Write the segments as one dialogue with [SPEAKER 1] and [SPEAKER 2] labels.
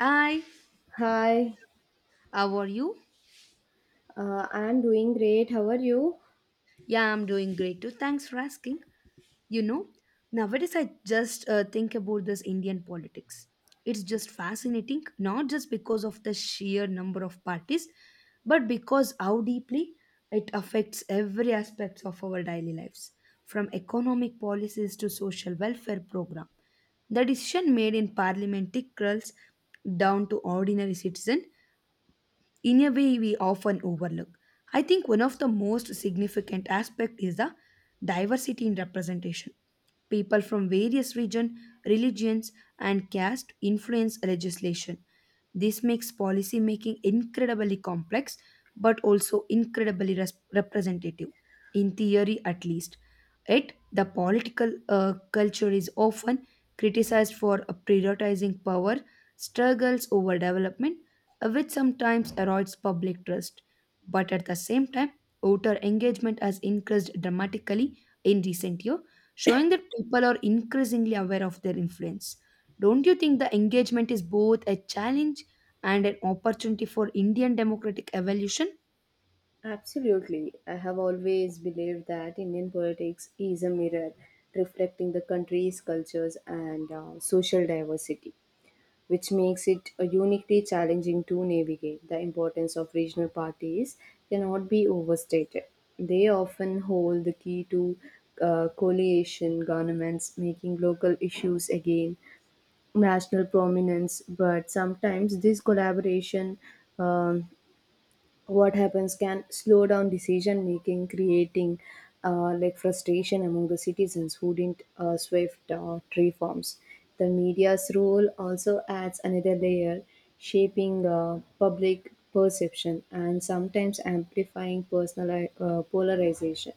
[SPEAKER 1] Hi,
[SPEAKER 2] Hi,
[SPEAKER 1] how are you?
[SPEAKER 2] I'm doing great. How are you?
[SPEAKER 1] Yeah, I'm doing great too. Thanks for asking. You know, nowadays I just think about this Indian politics. It's just fascinating, not just because of the sheer number of parties, but because how deeply it affects every aspect of our daily lives, from economic policies to social welfare program. The decision made in parliament trickles down to ordinary citizen in a way we often overlook. I think one of the most significant aspect is the diversity in representation. People from various region, religions and caste influence legislation. This makes policy making incredibly complex but also incredibly representative in theory at least. Yet the political culture is often criticized for prioritizing power struggles over development, which sometimes erodes public trust. But at the same time, voter engagement has increased dramatically in recent years, showing that people are increasingly aware of their influence. Don't you think the engagement is both a challenge and an opportunity for Indian democratic evolution?
[SPEAKER 2] Absolutely. I have always believed that Indian politics is a mirror reflecting the country's cultures and social diversity, which makes it uniquely challenging to navigate. The importance of regional parties cannot be overstated. They often hold the key to coalition governments, making local issues again national prominence, but sometimes this collaboration, um, what happens, can slow down decision making, creating like frustration among the citizens who didn't swift reforms. The media's role also adds another layer, shaping public perception and sometimes amplifying personal polarization.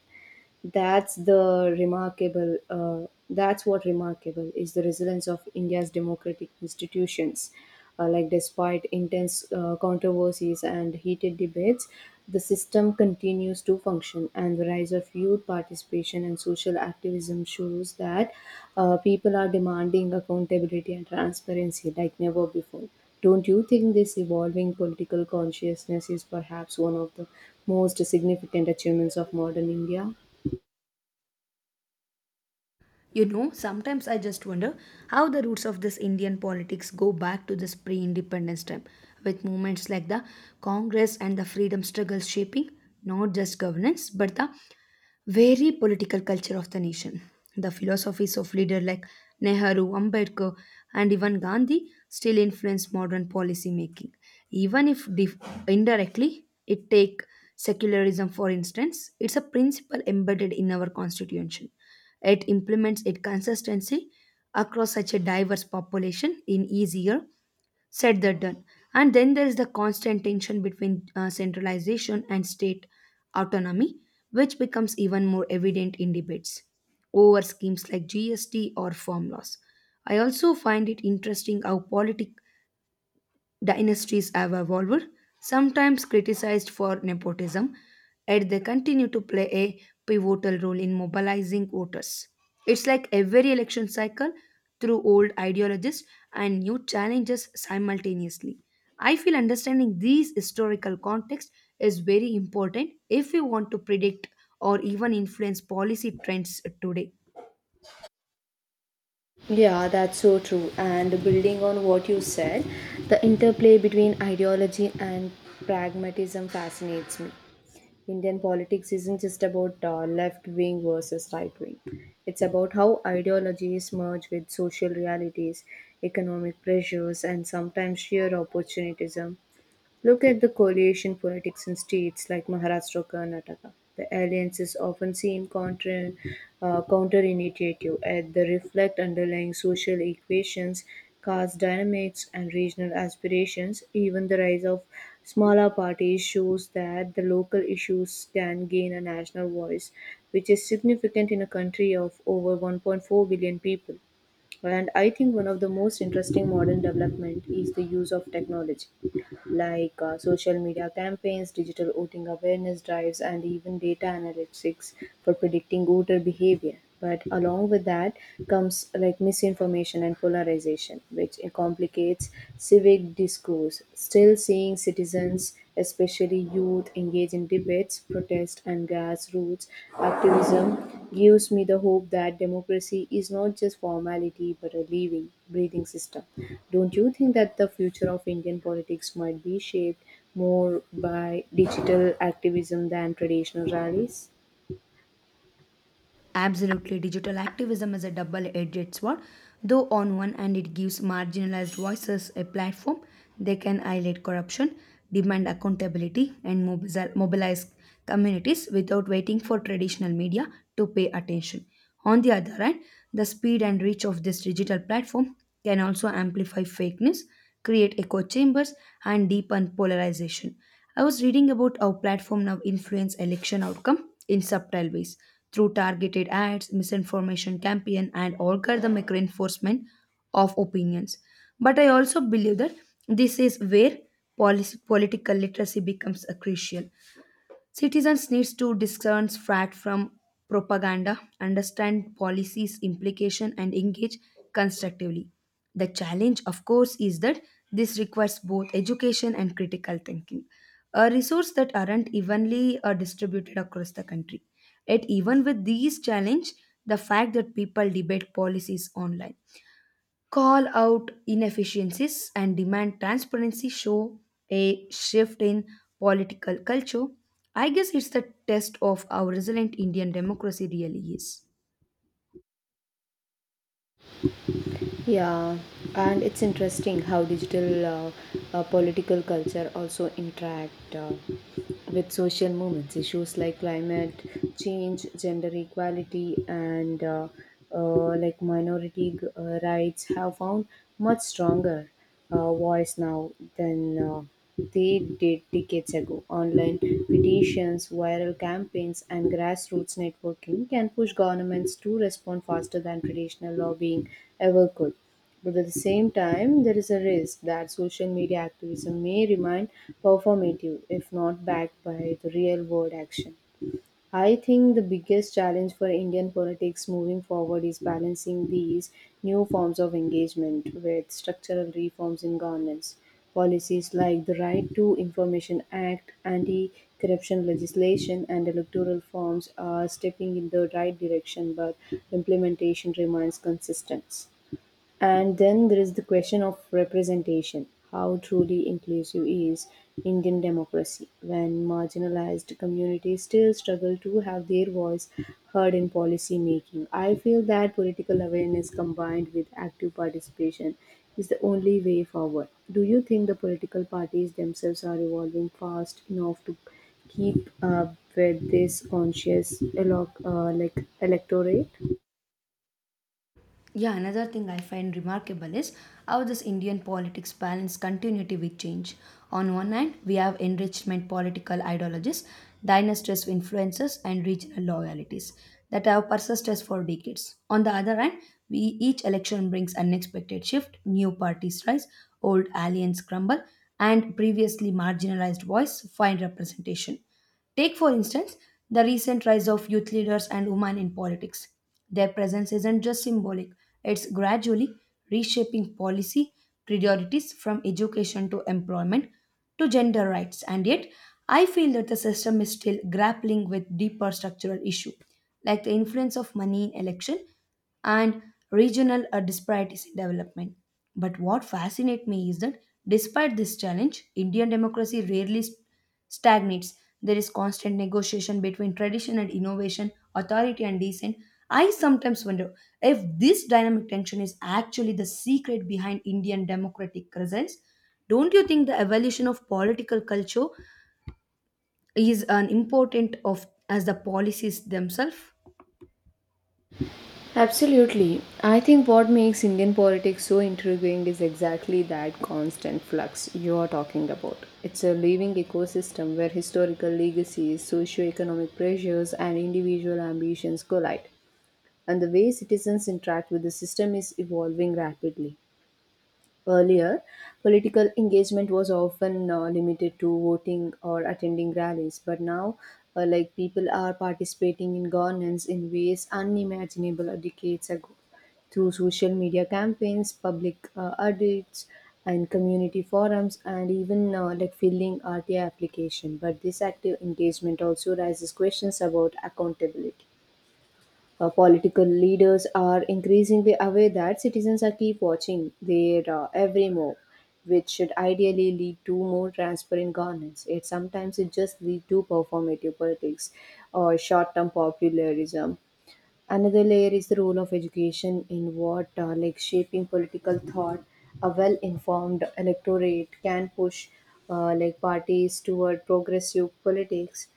[SPEAKER 2] That's the remarkable. That's what remarkable is the resilience of India's democratic institutions. Despite intense controversies and heated debates, the system continues to function, and the rise of youth participation and social activism shows that people are demanding accountability and transparency like never before. Don't you think this evolving political consciousness is perhaps one of the most significant achievements of modern India?
[SPEAKER 1] You know, sometimes I just wonder how the roots of this Indian politics go back to this pre independence time, with movements like the Congress and the freedom struggles shaping not just governance but the very political culture of the nation. The philosophies of leaders like Nehru, Ambedkar, and even Gandhi still influence modern policy making. Even if indirectly, it take secularism for instance, it's a principle embedded in our constitution. It implements its consistency across such a diverse population in easier said than done. And then there is the constant tension between centralization and state autonomy, which becomes even more evident in debates over schemes like GST or farm laws. I also find it interesting how politic dynasties have evolved, sometimes criticized for nepotism, yet they continue to play a pivotal role in mobilizing voters. It's like every election cycle through old ideologies and new challenges simultaneously. I feel understanding these historical context is very important if we want to predict or even influence policy trends today.
[SPEAKER 2] Yeah, that's so true. And building on what you said, the interplay between ideology and pragmatism fascinates me. Indian politics isn't just about left wing versus right wing, it's about how ideologies merge with social realities, economic pressures, and sometimes sheer opportunism. Look at the coalition politics in states like Maharashtra or Karnataka. The alliances often seem counterintuitive, and they reflect underlying social equations, caste dynamics, and regional aspirations. Even the rise of smaller parties shows that the local issues can gain a national voice, which is significant in a country of over 1.4 billion people. And I think one of the most interesting modern development is the use of technology, like social media campaigns, digital voting awareness drives, and even data analytics for predicting voter behavior. But along with that comes like misinformation and polarization, which complicates civic discourse. Still, seeing citizens, especially youth, engage in debates, protest, and grassroots activism gives me the hope that democracy is not just formality but a living, breathing system. Don't you think that the future of Indian politics might be shaped more by digital activism than traditional rallies?
[SPEAKER 1] Absolutely, digital activism is a double edged sword. Though, on one hand, it gives marginalized voices a platform, they can highlight corruption, demand accountability, and mobilize communities without waiting for traditional media to pay attention. On the other hand, the speed and reach of this digital platform can also amplify fakeness, create echo chambers, and deepen polarization. I was reading about how platform now influence election outcome in subtle ways through targeted ads, misinformation campaign, and algorithmic reinforcement of opinions. But I also believe that this is where policy, political literacy becomes a crucial. Citizens needs to discern fact from propaganda, understand policies implication and engage constructively. The challenge of course is that this requires both education and critical thinking, a resource that aren't evenly distributed across the country. Yet even with these challenge, the fact that people debate policies online call out inefficiencies and demand transparency show a shift in political culture. I guess it's the test of how resilient Indian democracy really is.
[SPEAKER 2] Yeah, and it's interesting how digital political culture also interact. With social movements, issues like climate change, gender equality, and like minority rights have found much stronger voice now than they did decades ago. Online petitions, viral campaigns, and grassroots networking can push governments to respond faster than traditional lobbying ever could. But at the same time, there is a risk that social media activism may remain performative if not backed by the real world action. I think the biggest challenge for Indian politics moving forward is balancing these new forms of engagement with structural reforms in governance. Policies like the Right to Information Act, anti corruption legislation, and electoral forms are stepping in the right direction, but implementation remains consistent. And then there is the question of representation. How truly inclusive is Indian democracy when marginalized communities still struggle to have their voice heard in policy making? I feel that political awareness combined with active participation is the only way forward. Do you think the political parties themselves are evolving fast enough to keep up with this conscious electorate?
[SPEAKER 1] Yeah, another thing I find remarkable is how this Indian politics balance continuity with change. On one hand, we have enrichment political ideologies, dynasties influences, and regional loyalties that have persisted for decades. On the other hand, we each election brings unexpected shift, new parties rise, old alliances crumble, and previously marginalized voice find representation. Take, for instance, the recent rise of youth leaders and women in politics. Their presence isn't just symbolic, it's gradually reshaping policy priorities from education to employment to gender rights. And yet, I feel that the system is still grappling with deeper structural issues like the influence of money in election and regional disparities in development. But what fascinates me is that despite this challenge, Indian democracy rarely stagnates. There is constant negotiation between tradition and innovation, authority and dissent. I sometimes wonder if this dynamic tension is actually the secret behind Indian democratic presence. Don't you think the evolution of political culture is an important of as the policies themselves?
[SPEAKER 2] Absolutely. I think what makes Indian politics so intriguing is exactly that constant flux you are talking about. It's a living ecosystem where historical legacies, socio-economic pressures, and individual ambitions collide, and the way citizens interact with the system is evolving rapidly. Earlier, political engagement was often limited to voting or attending rallies, but now, like people are participating in governance in ways unimaginable decades ago through social media campaigns, public audits, and community forums, and even like filling RTI application. But this active engagement also raises questions about accountability. Political leaders are increasingly aware that citizens are keep watching their every move, which should ideally lead to more transparent governance. It sometimes it just lead to performative politics or short-term populism. Another layer is the role of education in what like shaping political thought. A well informed electorate can push like parties toward progressive politics,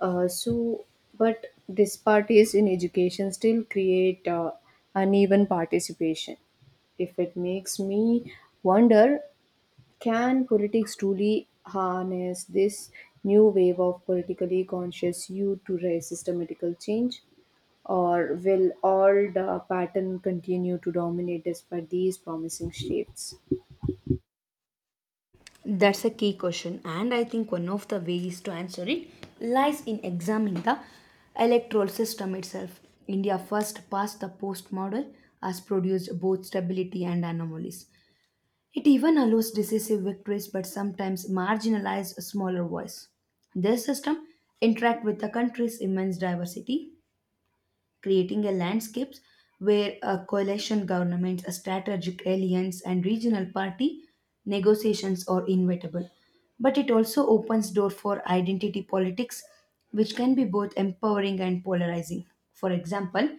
[SPEAKER 2] so but these parties in education still create uneven participation. If it makes me wonder, can politics truly harness this new wave of politically conscious youth to raise systematical change? Or will all the pattern continue to dominate despite these promising shifts?
[SPEAKER 1] That's a key question, and I think one of the ways to answer it lies in examining the electoral system itself. India first past the post model has produced both stability and anomalies. It even allows decisive victories but sometimes marginalizes a smaller voice. This system interacts with the country's immense diversity, creating a landscapes where a coalition governments, a strategic alliance, and regional party negotiations are inevitable. But it also opens door for identity politics, which can be both empowering and polarizing. For example,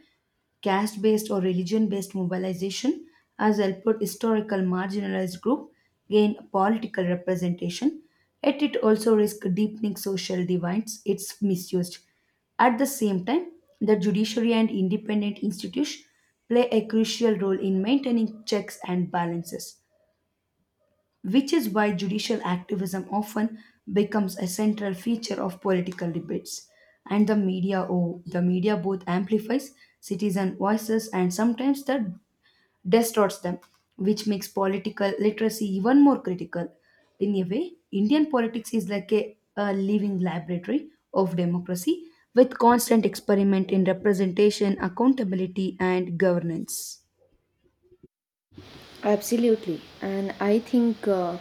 [SPEAKER 1] caste based or religion based mobilization has helped historical marginalized group gain political representation, yet it also risks deepening social divides it's misused. At the same time, the judiciary and independent institutions play a crucial role in maintaining checks and balances, which is why judicial activism often becomes a central feature of political debates. And the media, oh, the media both amplifies citizen voices and sometimes that distorts them, which makes political literacy even more critical. In a way, Indian politics is like a living laboratory of democracy with constant experiment in representation, accountability and governance.
[SPEAKER 2] Absolutely, and I think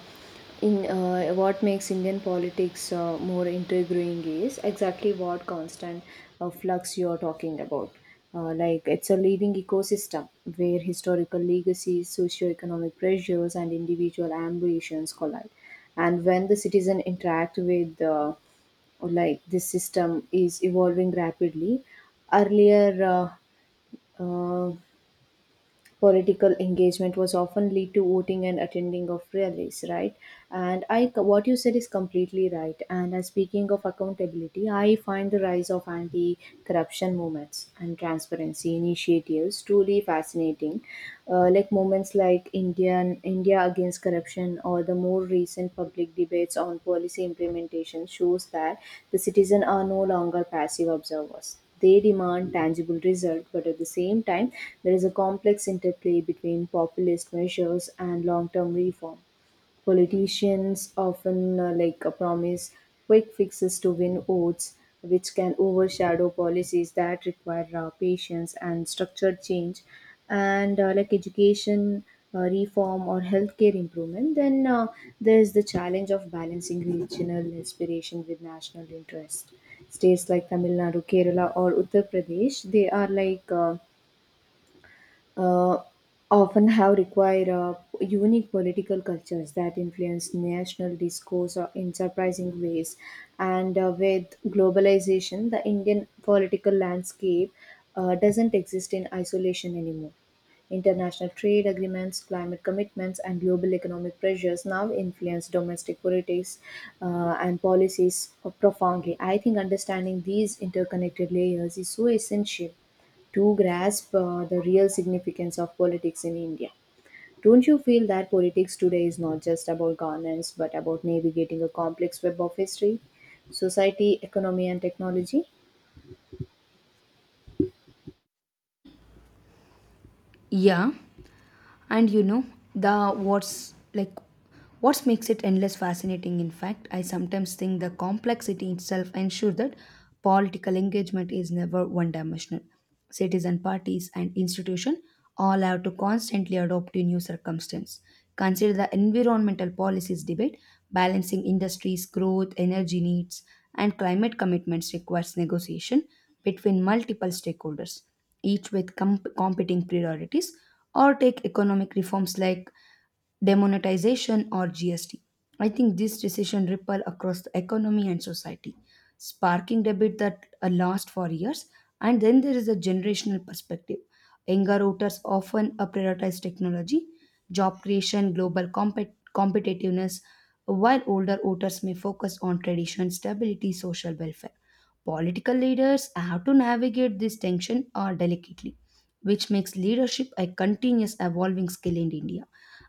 [SPEAKER 2] in what makes Indian politics more intriguing is exactly what constant flux you're talking about. It's a living ecosystem where historical legacies, socio-economic pressures, and individual ambitions collide. And when the citizen interact with like this system is evolving rapidly. Earlier, uh, uh, political engagement was often lead to voting and attending of rallies, right. And I what you said is completely right. And speaking of accountability, I find the rise of anti-corruption movements and transparency initiatives truly fascinating. Like movements like India against corruption, or the more recent public debates on policy implementation, shows that the citizens are no longer passive observers, they demand tangible results, but at the same time, there is a complex interplay between populist measures and long term reform. Politicians often promise quick fixes to win votes, which can overshadow policies that require patience and structured change, and like education. Reform or healthcare improvement. Then there's the challenge of balancing regional aspiration with national interest. States like Tamil Nadu, Kerala, or Uttar Pradesh, they are like uh, often have required unique political cultures that influence national discourse in surprising ways. And with globalization, the Indian political landscape doesn't exist in isolation anymore. International trade agreements, climate commitments, and global economic pressures now influence domestic politics and policies profoundly. I think understanding these interconnected layers is so essential to grasp the real significance of politics in India. Don't you feel that politics today is not just about governance but about navigating a complex web of history, society, economy, and technology?
[SPEAKER 1] Yeah, and you know the what makes it endless fascinating. In fact, I sometimes think the complexity itself ensures that political engagement is never one dimensional. Citizen parties and institutions all have to constantly adopt to new circumstances. Consider the environmental policies debate. Balancing industries growth, energy needs and climate commitments requires negotiation between multiple stakeholders, each with competing priorities. Or take economic reforms like demonetization or GST. I think this decision ripple across the economy and society, sparking debate that last for years. And then there is a generational perspective. Younger voters often prioritize technology, job creation, global competitiveness, while older voters may focus on tradition, stability, social welfare. Political leaders have to navigate this tension delicately, which makes leadership a continuous evolving skill in India.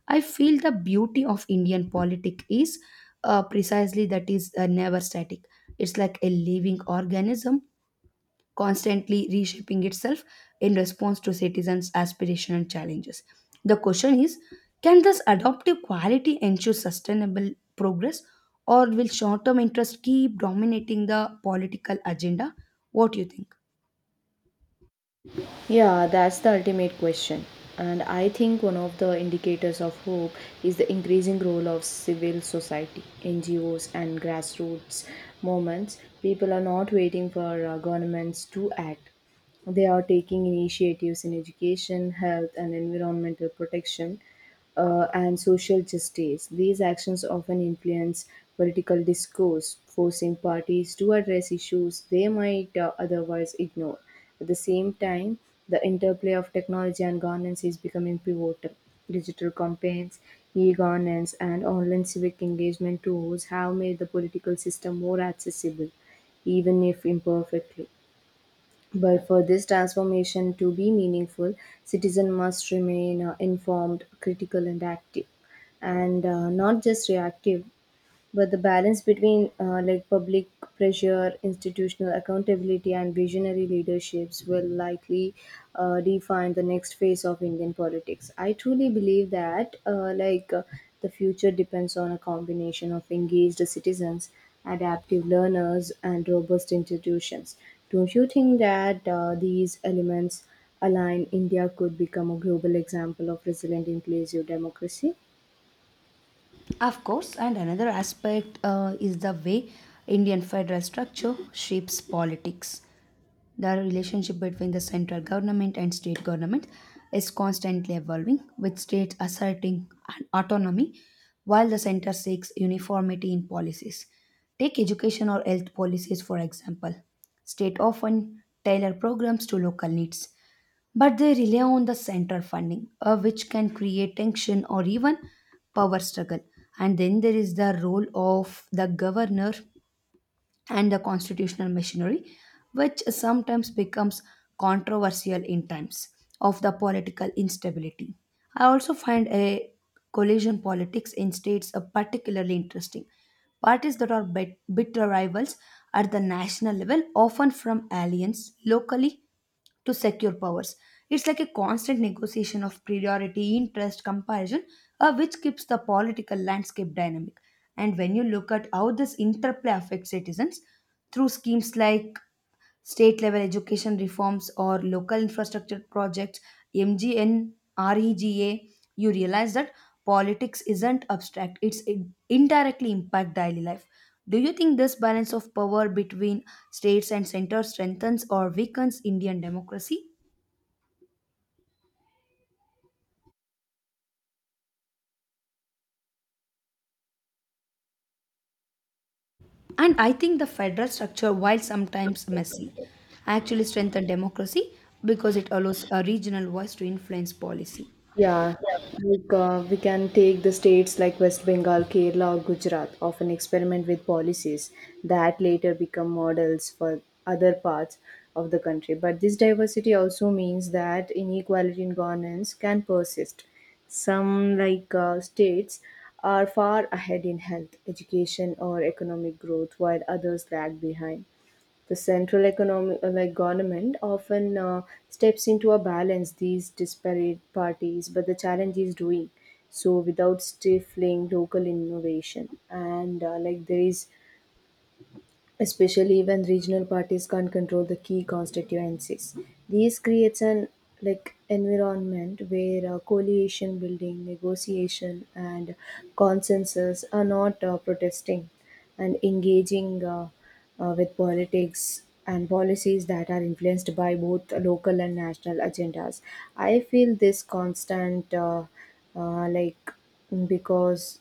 [SPEAKER 1] I feel the beauty of Indian politics is precisely that is never static. It's like a living organism constantly reshaping itself in response to citizens' aspirations and challenges. The question is, can this adaptive quality ensure sustainable progress, or will short term interest keep dominating the political agenda? What do you think?
[SPEAKER 2] Yeah, that's the ultimate question. And I think one of the indicators of hope is the increasing role of civil society, NGOs, and grassroots movements. People are not waiting for governments to act. They are taking initiatives in education, health, and environmental protection, and social justice. These actions often influence political discourse, forcing parties to address issues they might otherwise ignore. At the same time, the interplay of technology and governance is becoming pivotal. Digital campaigns, e governance, and online civic engagement tools have made the political system more accessible, even if imperfectly. But for this transformation to be meaningful, citizens must remain informed, critical, and active, and not just reactive. But the balance between like public pressure, institutional accountability, and visionary leaderships will likely define the next phase of Indian politics. I truly believe that the future depends on a combination of engaged citizens, adaptive learners, and robust institutions. Don't you think that these elements align, India could become a global example of resilient inclusive democracy?
[SPEAKER 1] Of course, and another aspect is the way Indian federal structure shapes politics. The relationship between the central government and state government is constantly evolving, with states asserting an autonomy while the center seeks uniformity in policies. Take education or health policies, for example. State often tailor programs to local needs, but they rely on the central funding, which can create tension or even power struggle. And then there is the role of the governor and the constitutional machinery, which sometimes becomes controversial in times of the political instability. I also find a collision politics in states particularly interesting. Parties that are bitter rivals at the national level, often from alliance locally to secure powers. It's like a constant negotiation of priority, interest, comparison, which keeps the political landscape dynamic. And when you look at how this interplay affects citizens through schemes like state level education reforms or local infrastructure projects, mgn rega, you realize that politics isn't abstract, it's indirectly impact daily life. Do you think this balance of power between states and center strengthens or weakens Indian democracy? And I think the federal structure, while sometimes messy, actually strengthens democracy because it allows a regional voice to influence policy.
[SPEAKER 2] Yeah, like we can take the states like West Bengal, Kerala, or Gujarat, often experiment with policies that later become models for other parts of the country. But this diversity also means that inequality in governance can persist. Some, like states, are far ahead in health, education, or economic growth, while others lag behind. The central economic, like government, often steps into a balance these disparate parties, but the challenge is doing so without stifling local innovation. And like there is, especially when regional parties can't control the key constituencies. These creates an like environment where coalition building, negotiation, and consensus are not protesting and engaging with politics and policies that are influenced by both local and national agendas. I feel this constant, like, because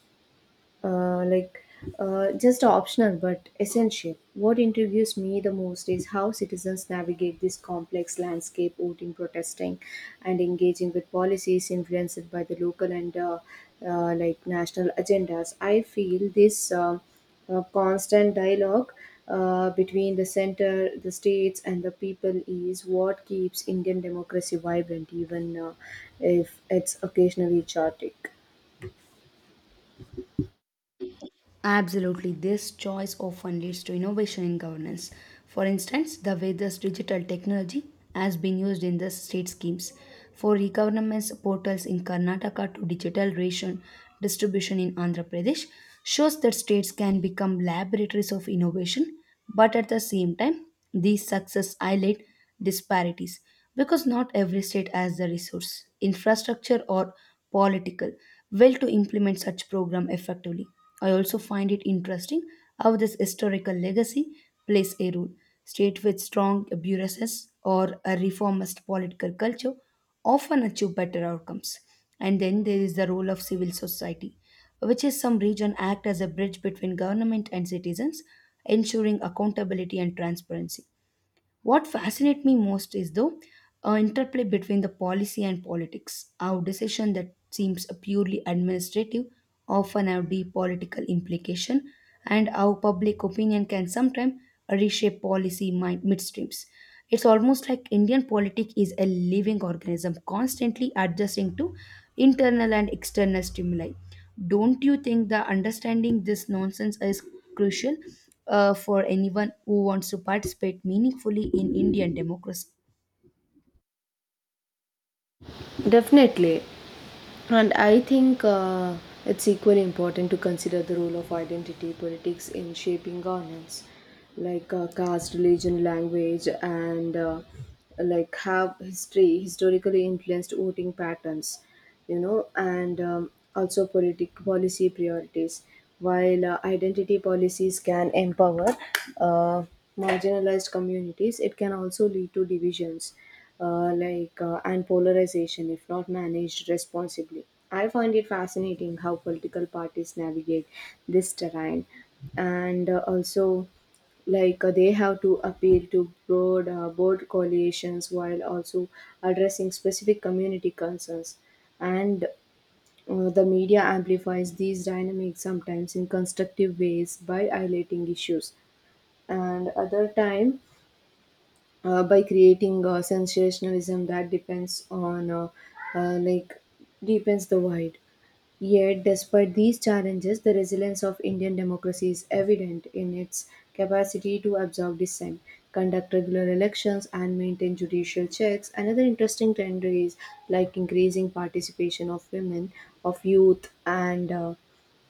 [SPEAKER 2] like, just optional but essential. What intrigues me the most is how citizens navigate this complex landscape, voting, protesting, and engaging with policies influenced by the local and like national agendas. I feel this constant dialogue between the center, the states, and the people is what keeps Indian democracy vibrant, even if it's occasionally chaotic.
[SPEAKER 1] Absolutely, this choice often leads to innovation in governance. For instance, the way this digital technology has been used in the state schemes, for e-governance portals in Karnataka to digital ration distribution in Andhra Pradesh, shows that states can become laboratories of innovation, but at the same time, these success highlight disparities because not every state has the resource, infrastructure, or political will to implement such program effectively. I also find it interesting how this historical legacy plays a role. State with strong bureaucracies or a reformist political culture often achieve better outcomes. And then there is the role of civil society, which is some region act as a bridge between government and citizens, ensuring accountability and transparency. What fascinates me most is the interplay between the policy and politics. Our decision that seems purely administrative often have deep political implication, and our public opinion can sometimes reshape policy midstreams. It's almost like Indian politics is a living organism, constantly adjusting to internal and external stimuli. Don't you think the understanding this nonsense is crucial for anyone who wants to participate meaningfully in Indian democracy?
[SPEAKER 2] Definitely. And I think it's equally important to consider the role of identity politics in shaping governance, like caste, religion, language, and like have history historically influenced voting patterns, and also politic policy priorities. While identity policies can empower uh, marginalized communities, it can also lead to divisions and polarization if not managed responsibly. I find it fascinating how political parties navigate this terrain and also they have to appeal to broad coalitions while also addressing specific community concerns and the media amplifies these dynamics sometimes in constructive ways by highlighting issues and other time by creating sensationalism that depends on uh, like deepens the void. Yet, despite these challenges, the resilience of Indian democracy is evident in its capacity to absorb dissent, conduct regular elections, and maintain judicial checks. Another interesting trend is like increasing participation of women, of youth, and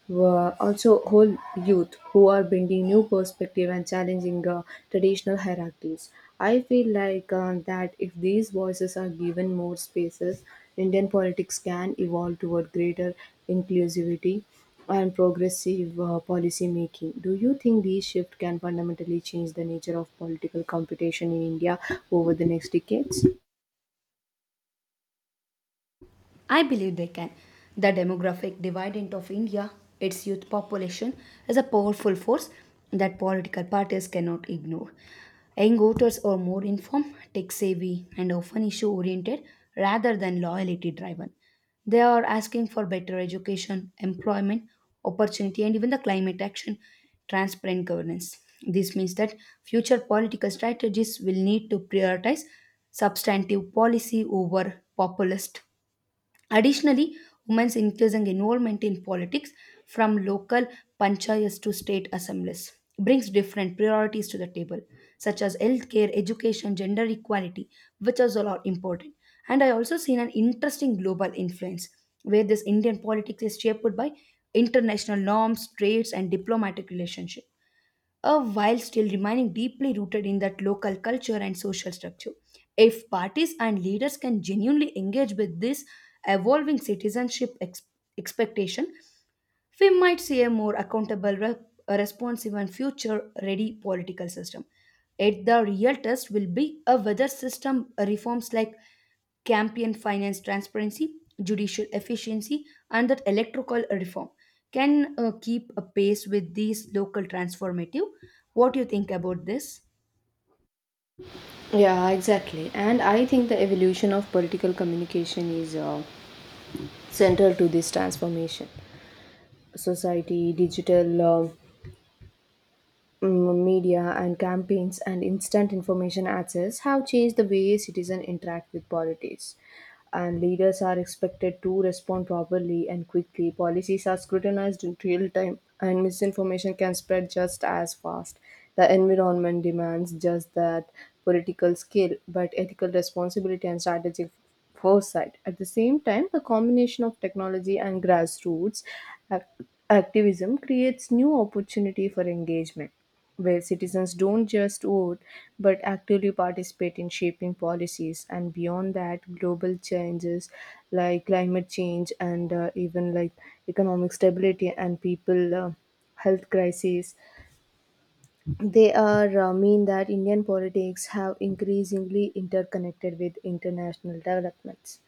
[SPEAKER 2] were also whole youth who are bringing new perspective and challenging traditional hierarchies. I feel that if these voices are given more spaces, Indian politics can evolve toward greater inclusivity and progressive policy making. Do you think these shifts can fundamentally change the nature of political competition in India over the next decades?
[SPEAKER 1] I believe they can. The demographic dividend of India, its youth population, is a powerful force that political parties cannot ignore. Young voters are more informed, tech savvy, and often issue oriented rather than loyalty driven. They are asking for better education, employment, opportunity, and even the climate action, transparent governance. This means that future political strategies will need to prioritize substantive policy over populist. Additionally, women's increasing involvement in politics from local panchayats to state assemblies brings different priorities to the table, such as healthcare, education, gender equality, which is all are important. And I also seen an interesting global influence where this Indian politics is shaped by international norms, trades, and diplomatic relationship, while still remaining deeply rooted in that local culture and social structure. If parties and leaders can genuinely engage with this evolving citizenship expectation, we might see a more accountable, responsive, and future ready political system. Yet the real test will be a whether system reforms like campaign finance transparency, judicial efficiency, and that electoral reform can keep a pace with these local transformative. What do you think about this?
[SPEAKER 2] Yeah, exactly. And I think the evolution of political communication is central to this transformation. Society, digital media, and campaigns and instant information access have changed the way citizens interact with politics, and leaders are expected to respond properly and quickly. Policies are scrutinized in real time, and misinformation can spread just as fast. The environment demands just that political skill, but ethical responsibility and strategic foresight. At the same time, the combination of technology and grassroots ac- activism creates new opportunity for engagement, where citizens don't just vote but actively participate in shaping policies. And beyond that, global changes like climate change and even like economic stability and people health crises, they are mean that indian politics have increasingly interconnected with international developments.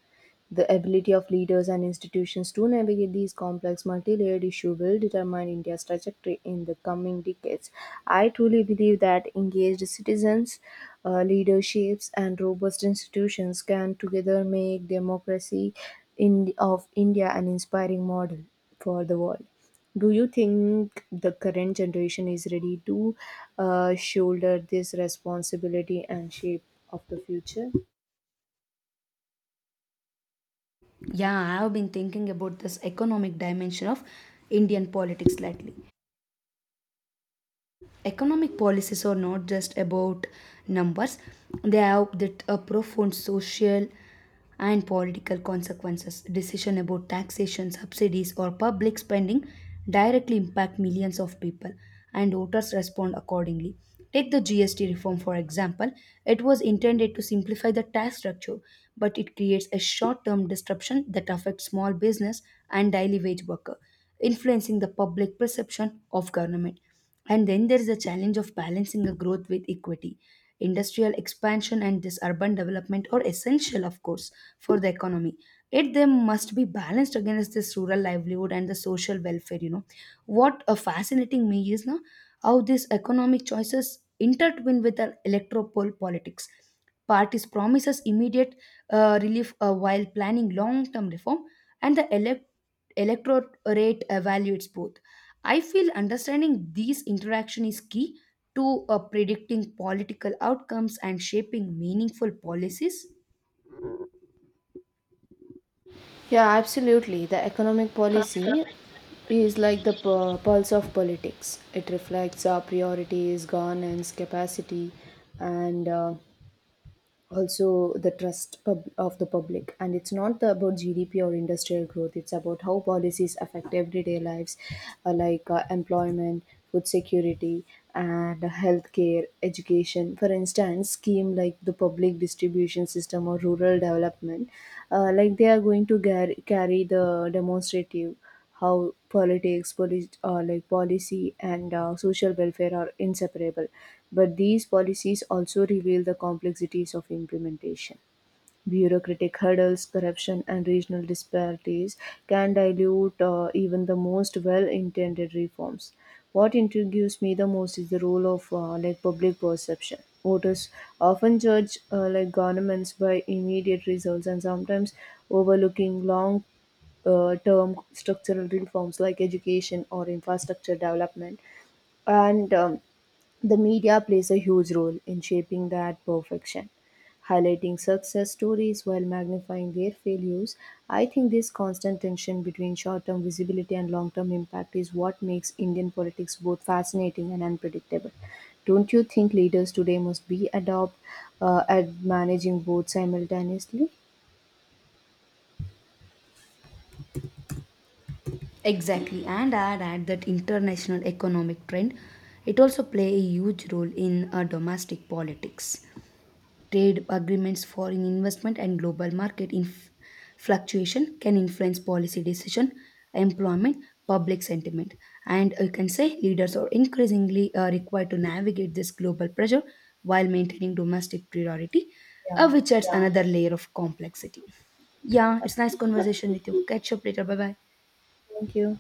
[SPEAKER 2] The ability of leaders and institutions to navigate these complex multi-layered issues will determine India's trajectory in the coming decades. I truly believe that engaged citizens, leaderships, and robust institutions can together make democracy in, of India an inspiring model for the world. Do you think the current generation is ready to shoulder this responsibility and shape of the future?
[SPEAKER 1] Yeah, I have been thinking about this economic dimension of Indian politics lately. Economic policies are not just about numbers, they have that a profound social and political consequences. Decision about taxation, subsidies or public spending directly impact millions of people, and voters respond accordingly. Take the gst reform, for example. It was intended to simplify the tax structure, but it creates a short-term disruption that affects small business and daily wage worker, influencing the public perception of government. And then there is a challenge of balancing a growth with equity. Industrial expansion and this urban development are essential, of course, for the economy. Yet they must be balanced against this rural livelihood and the social welfare. You know, what a fascinating me is now how these economic choices intertwine with the electoral politics. Parties promises immediate relief, while planning long-term reform, and the electorate evaluates both. I feel understanding these interaction is key to predicting political outcomes and shaping meaningful policies.
[SPEAKER 2] Yeah, absolutely. The economic policy is like the pulse of politics. It reflects our priorities, governance, capacity, and also the trust of the public. And it's not about GDP or industrial growth, it's about how policies affect everyday lives, employment, food security, and healthcare, education. For instance, scheme like the public distribution system or rural development, they are going to carry the demonstrative how politics, polit- like policy, and social welfare are inseparable. But these policies also reveal the complexities of implementation. Bureaucratic hurdles, corruption, and regional disparities can dilute even the most well-intended reforms. What intrigues me the most is the role of public perception. Voters often judge governments by immediate results and sometimes overlooking long term structural reforms like education or infrastructure development. And the media plays a huge role in shaping that perfection, highlighting success stories while magnifying their failures. I think this constant tension between short term visibility and long term impact is what makes Indian politics both fascinating and unpredictable. Don't you think leaders today must be adept at managing both simultaneously?
[SPEAKER 1] Exactly, and I'd add that international economic trend, it also play a huge role in domestic politics. Trade agreements, foreign investment, and global market fluctuation can influence policy decision, employment, public sentiment, and you can say leaders are increasingly required to navigate this global pressure while maintaining domestic priority,
[SPEAKER 2] Yeah,
[SPEAKER 1] which adds another layer of complexity. Yeah,
[SPEAKER 2] that's
[SPEAKER 1] it's nice
[SPEAKER 2] it.
[SPEAKER 1] conversation with you. Catch up later. Bye bye.
[SPEAKER 2] Thank you.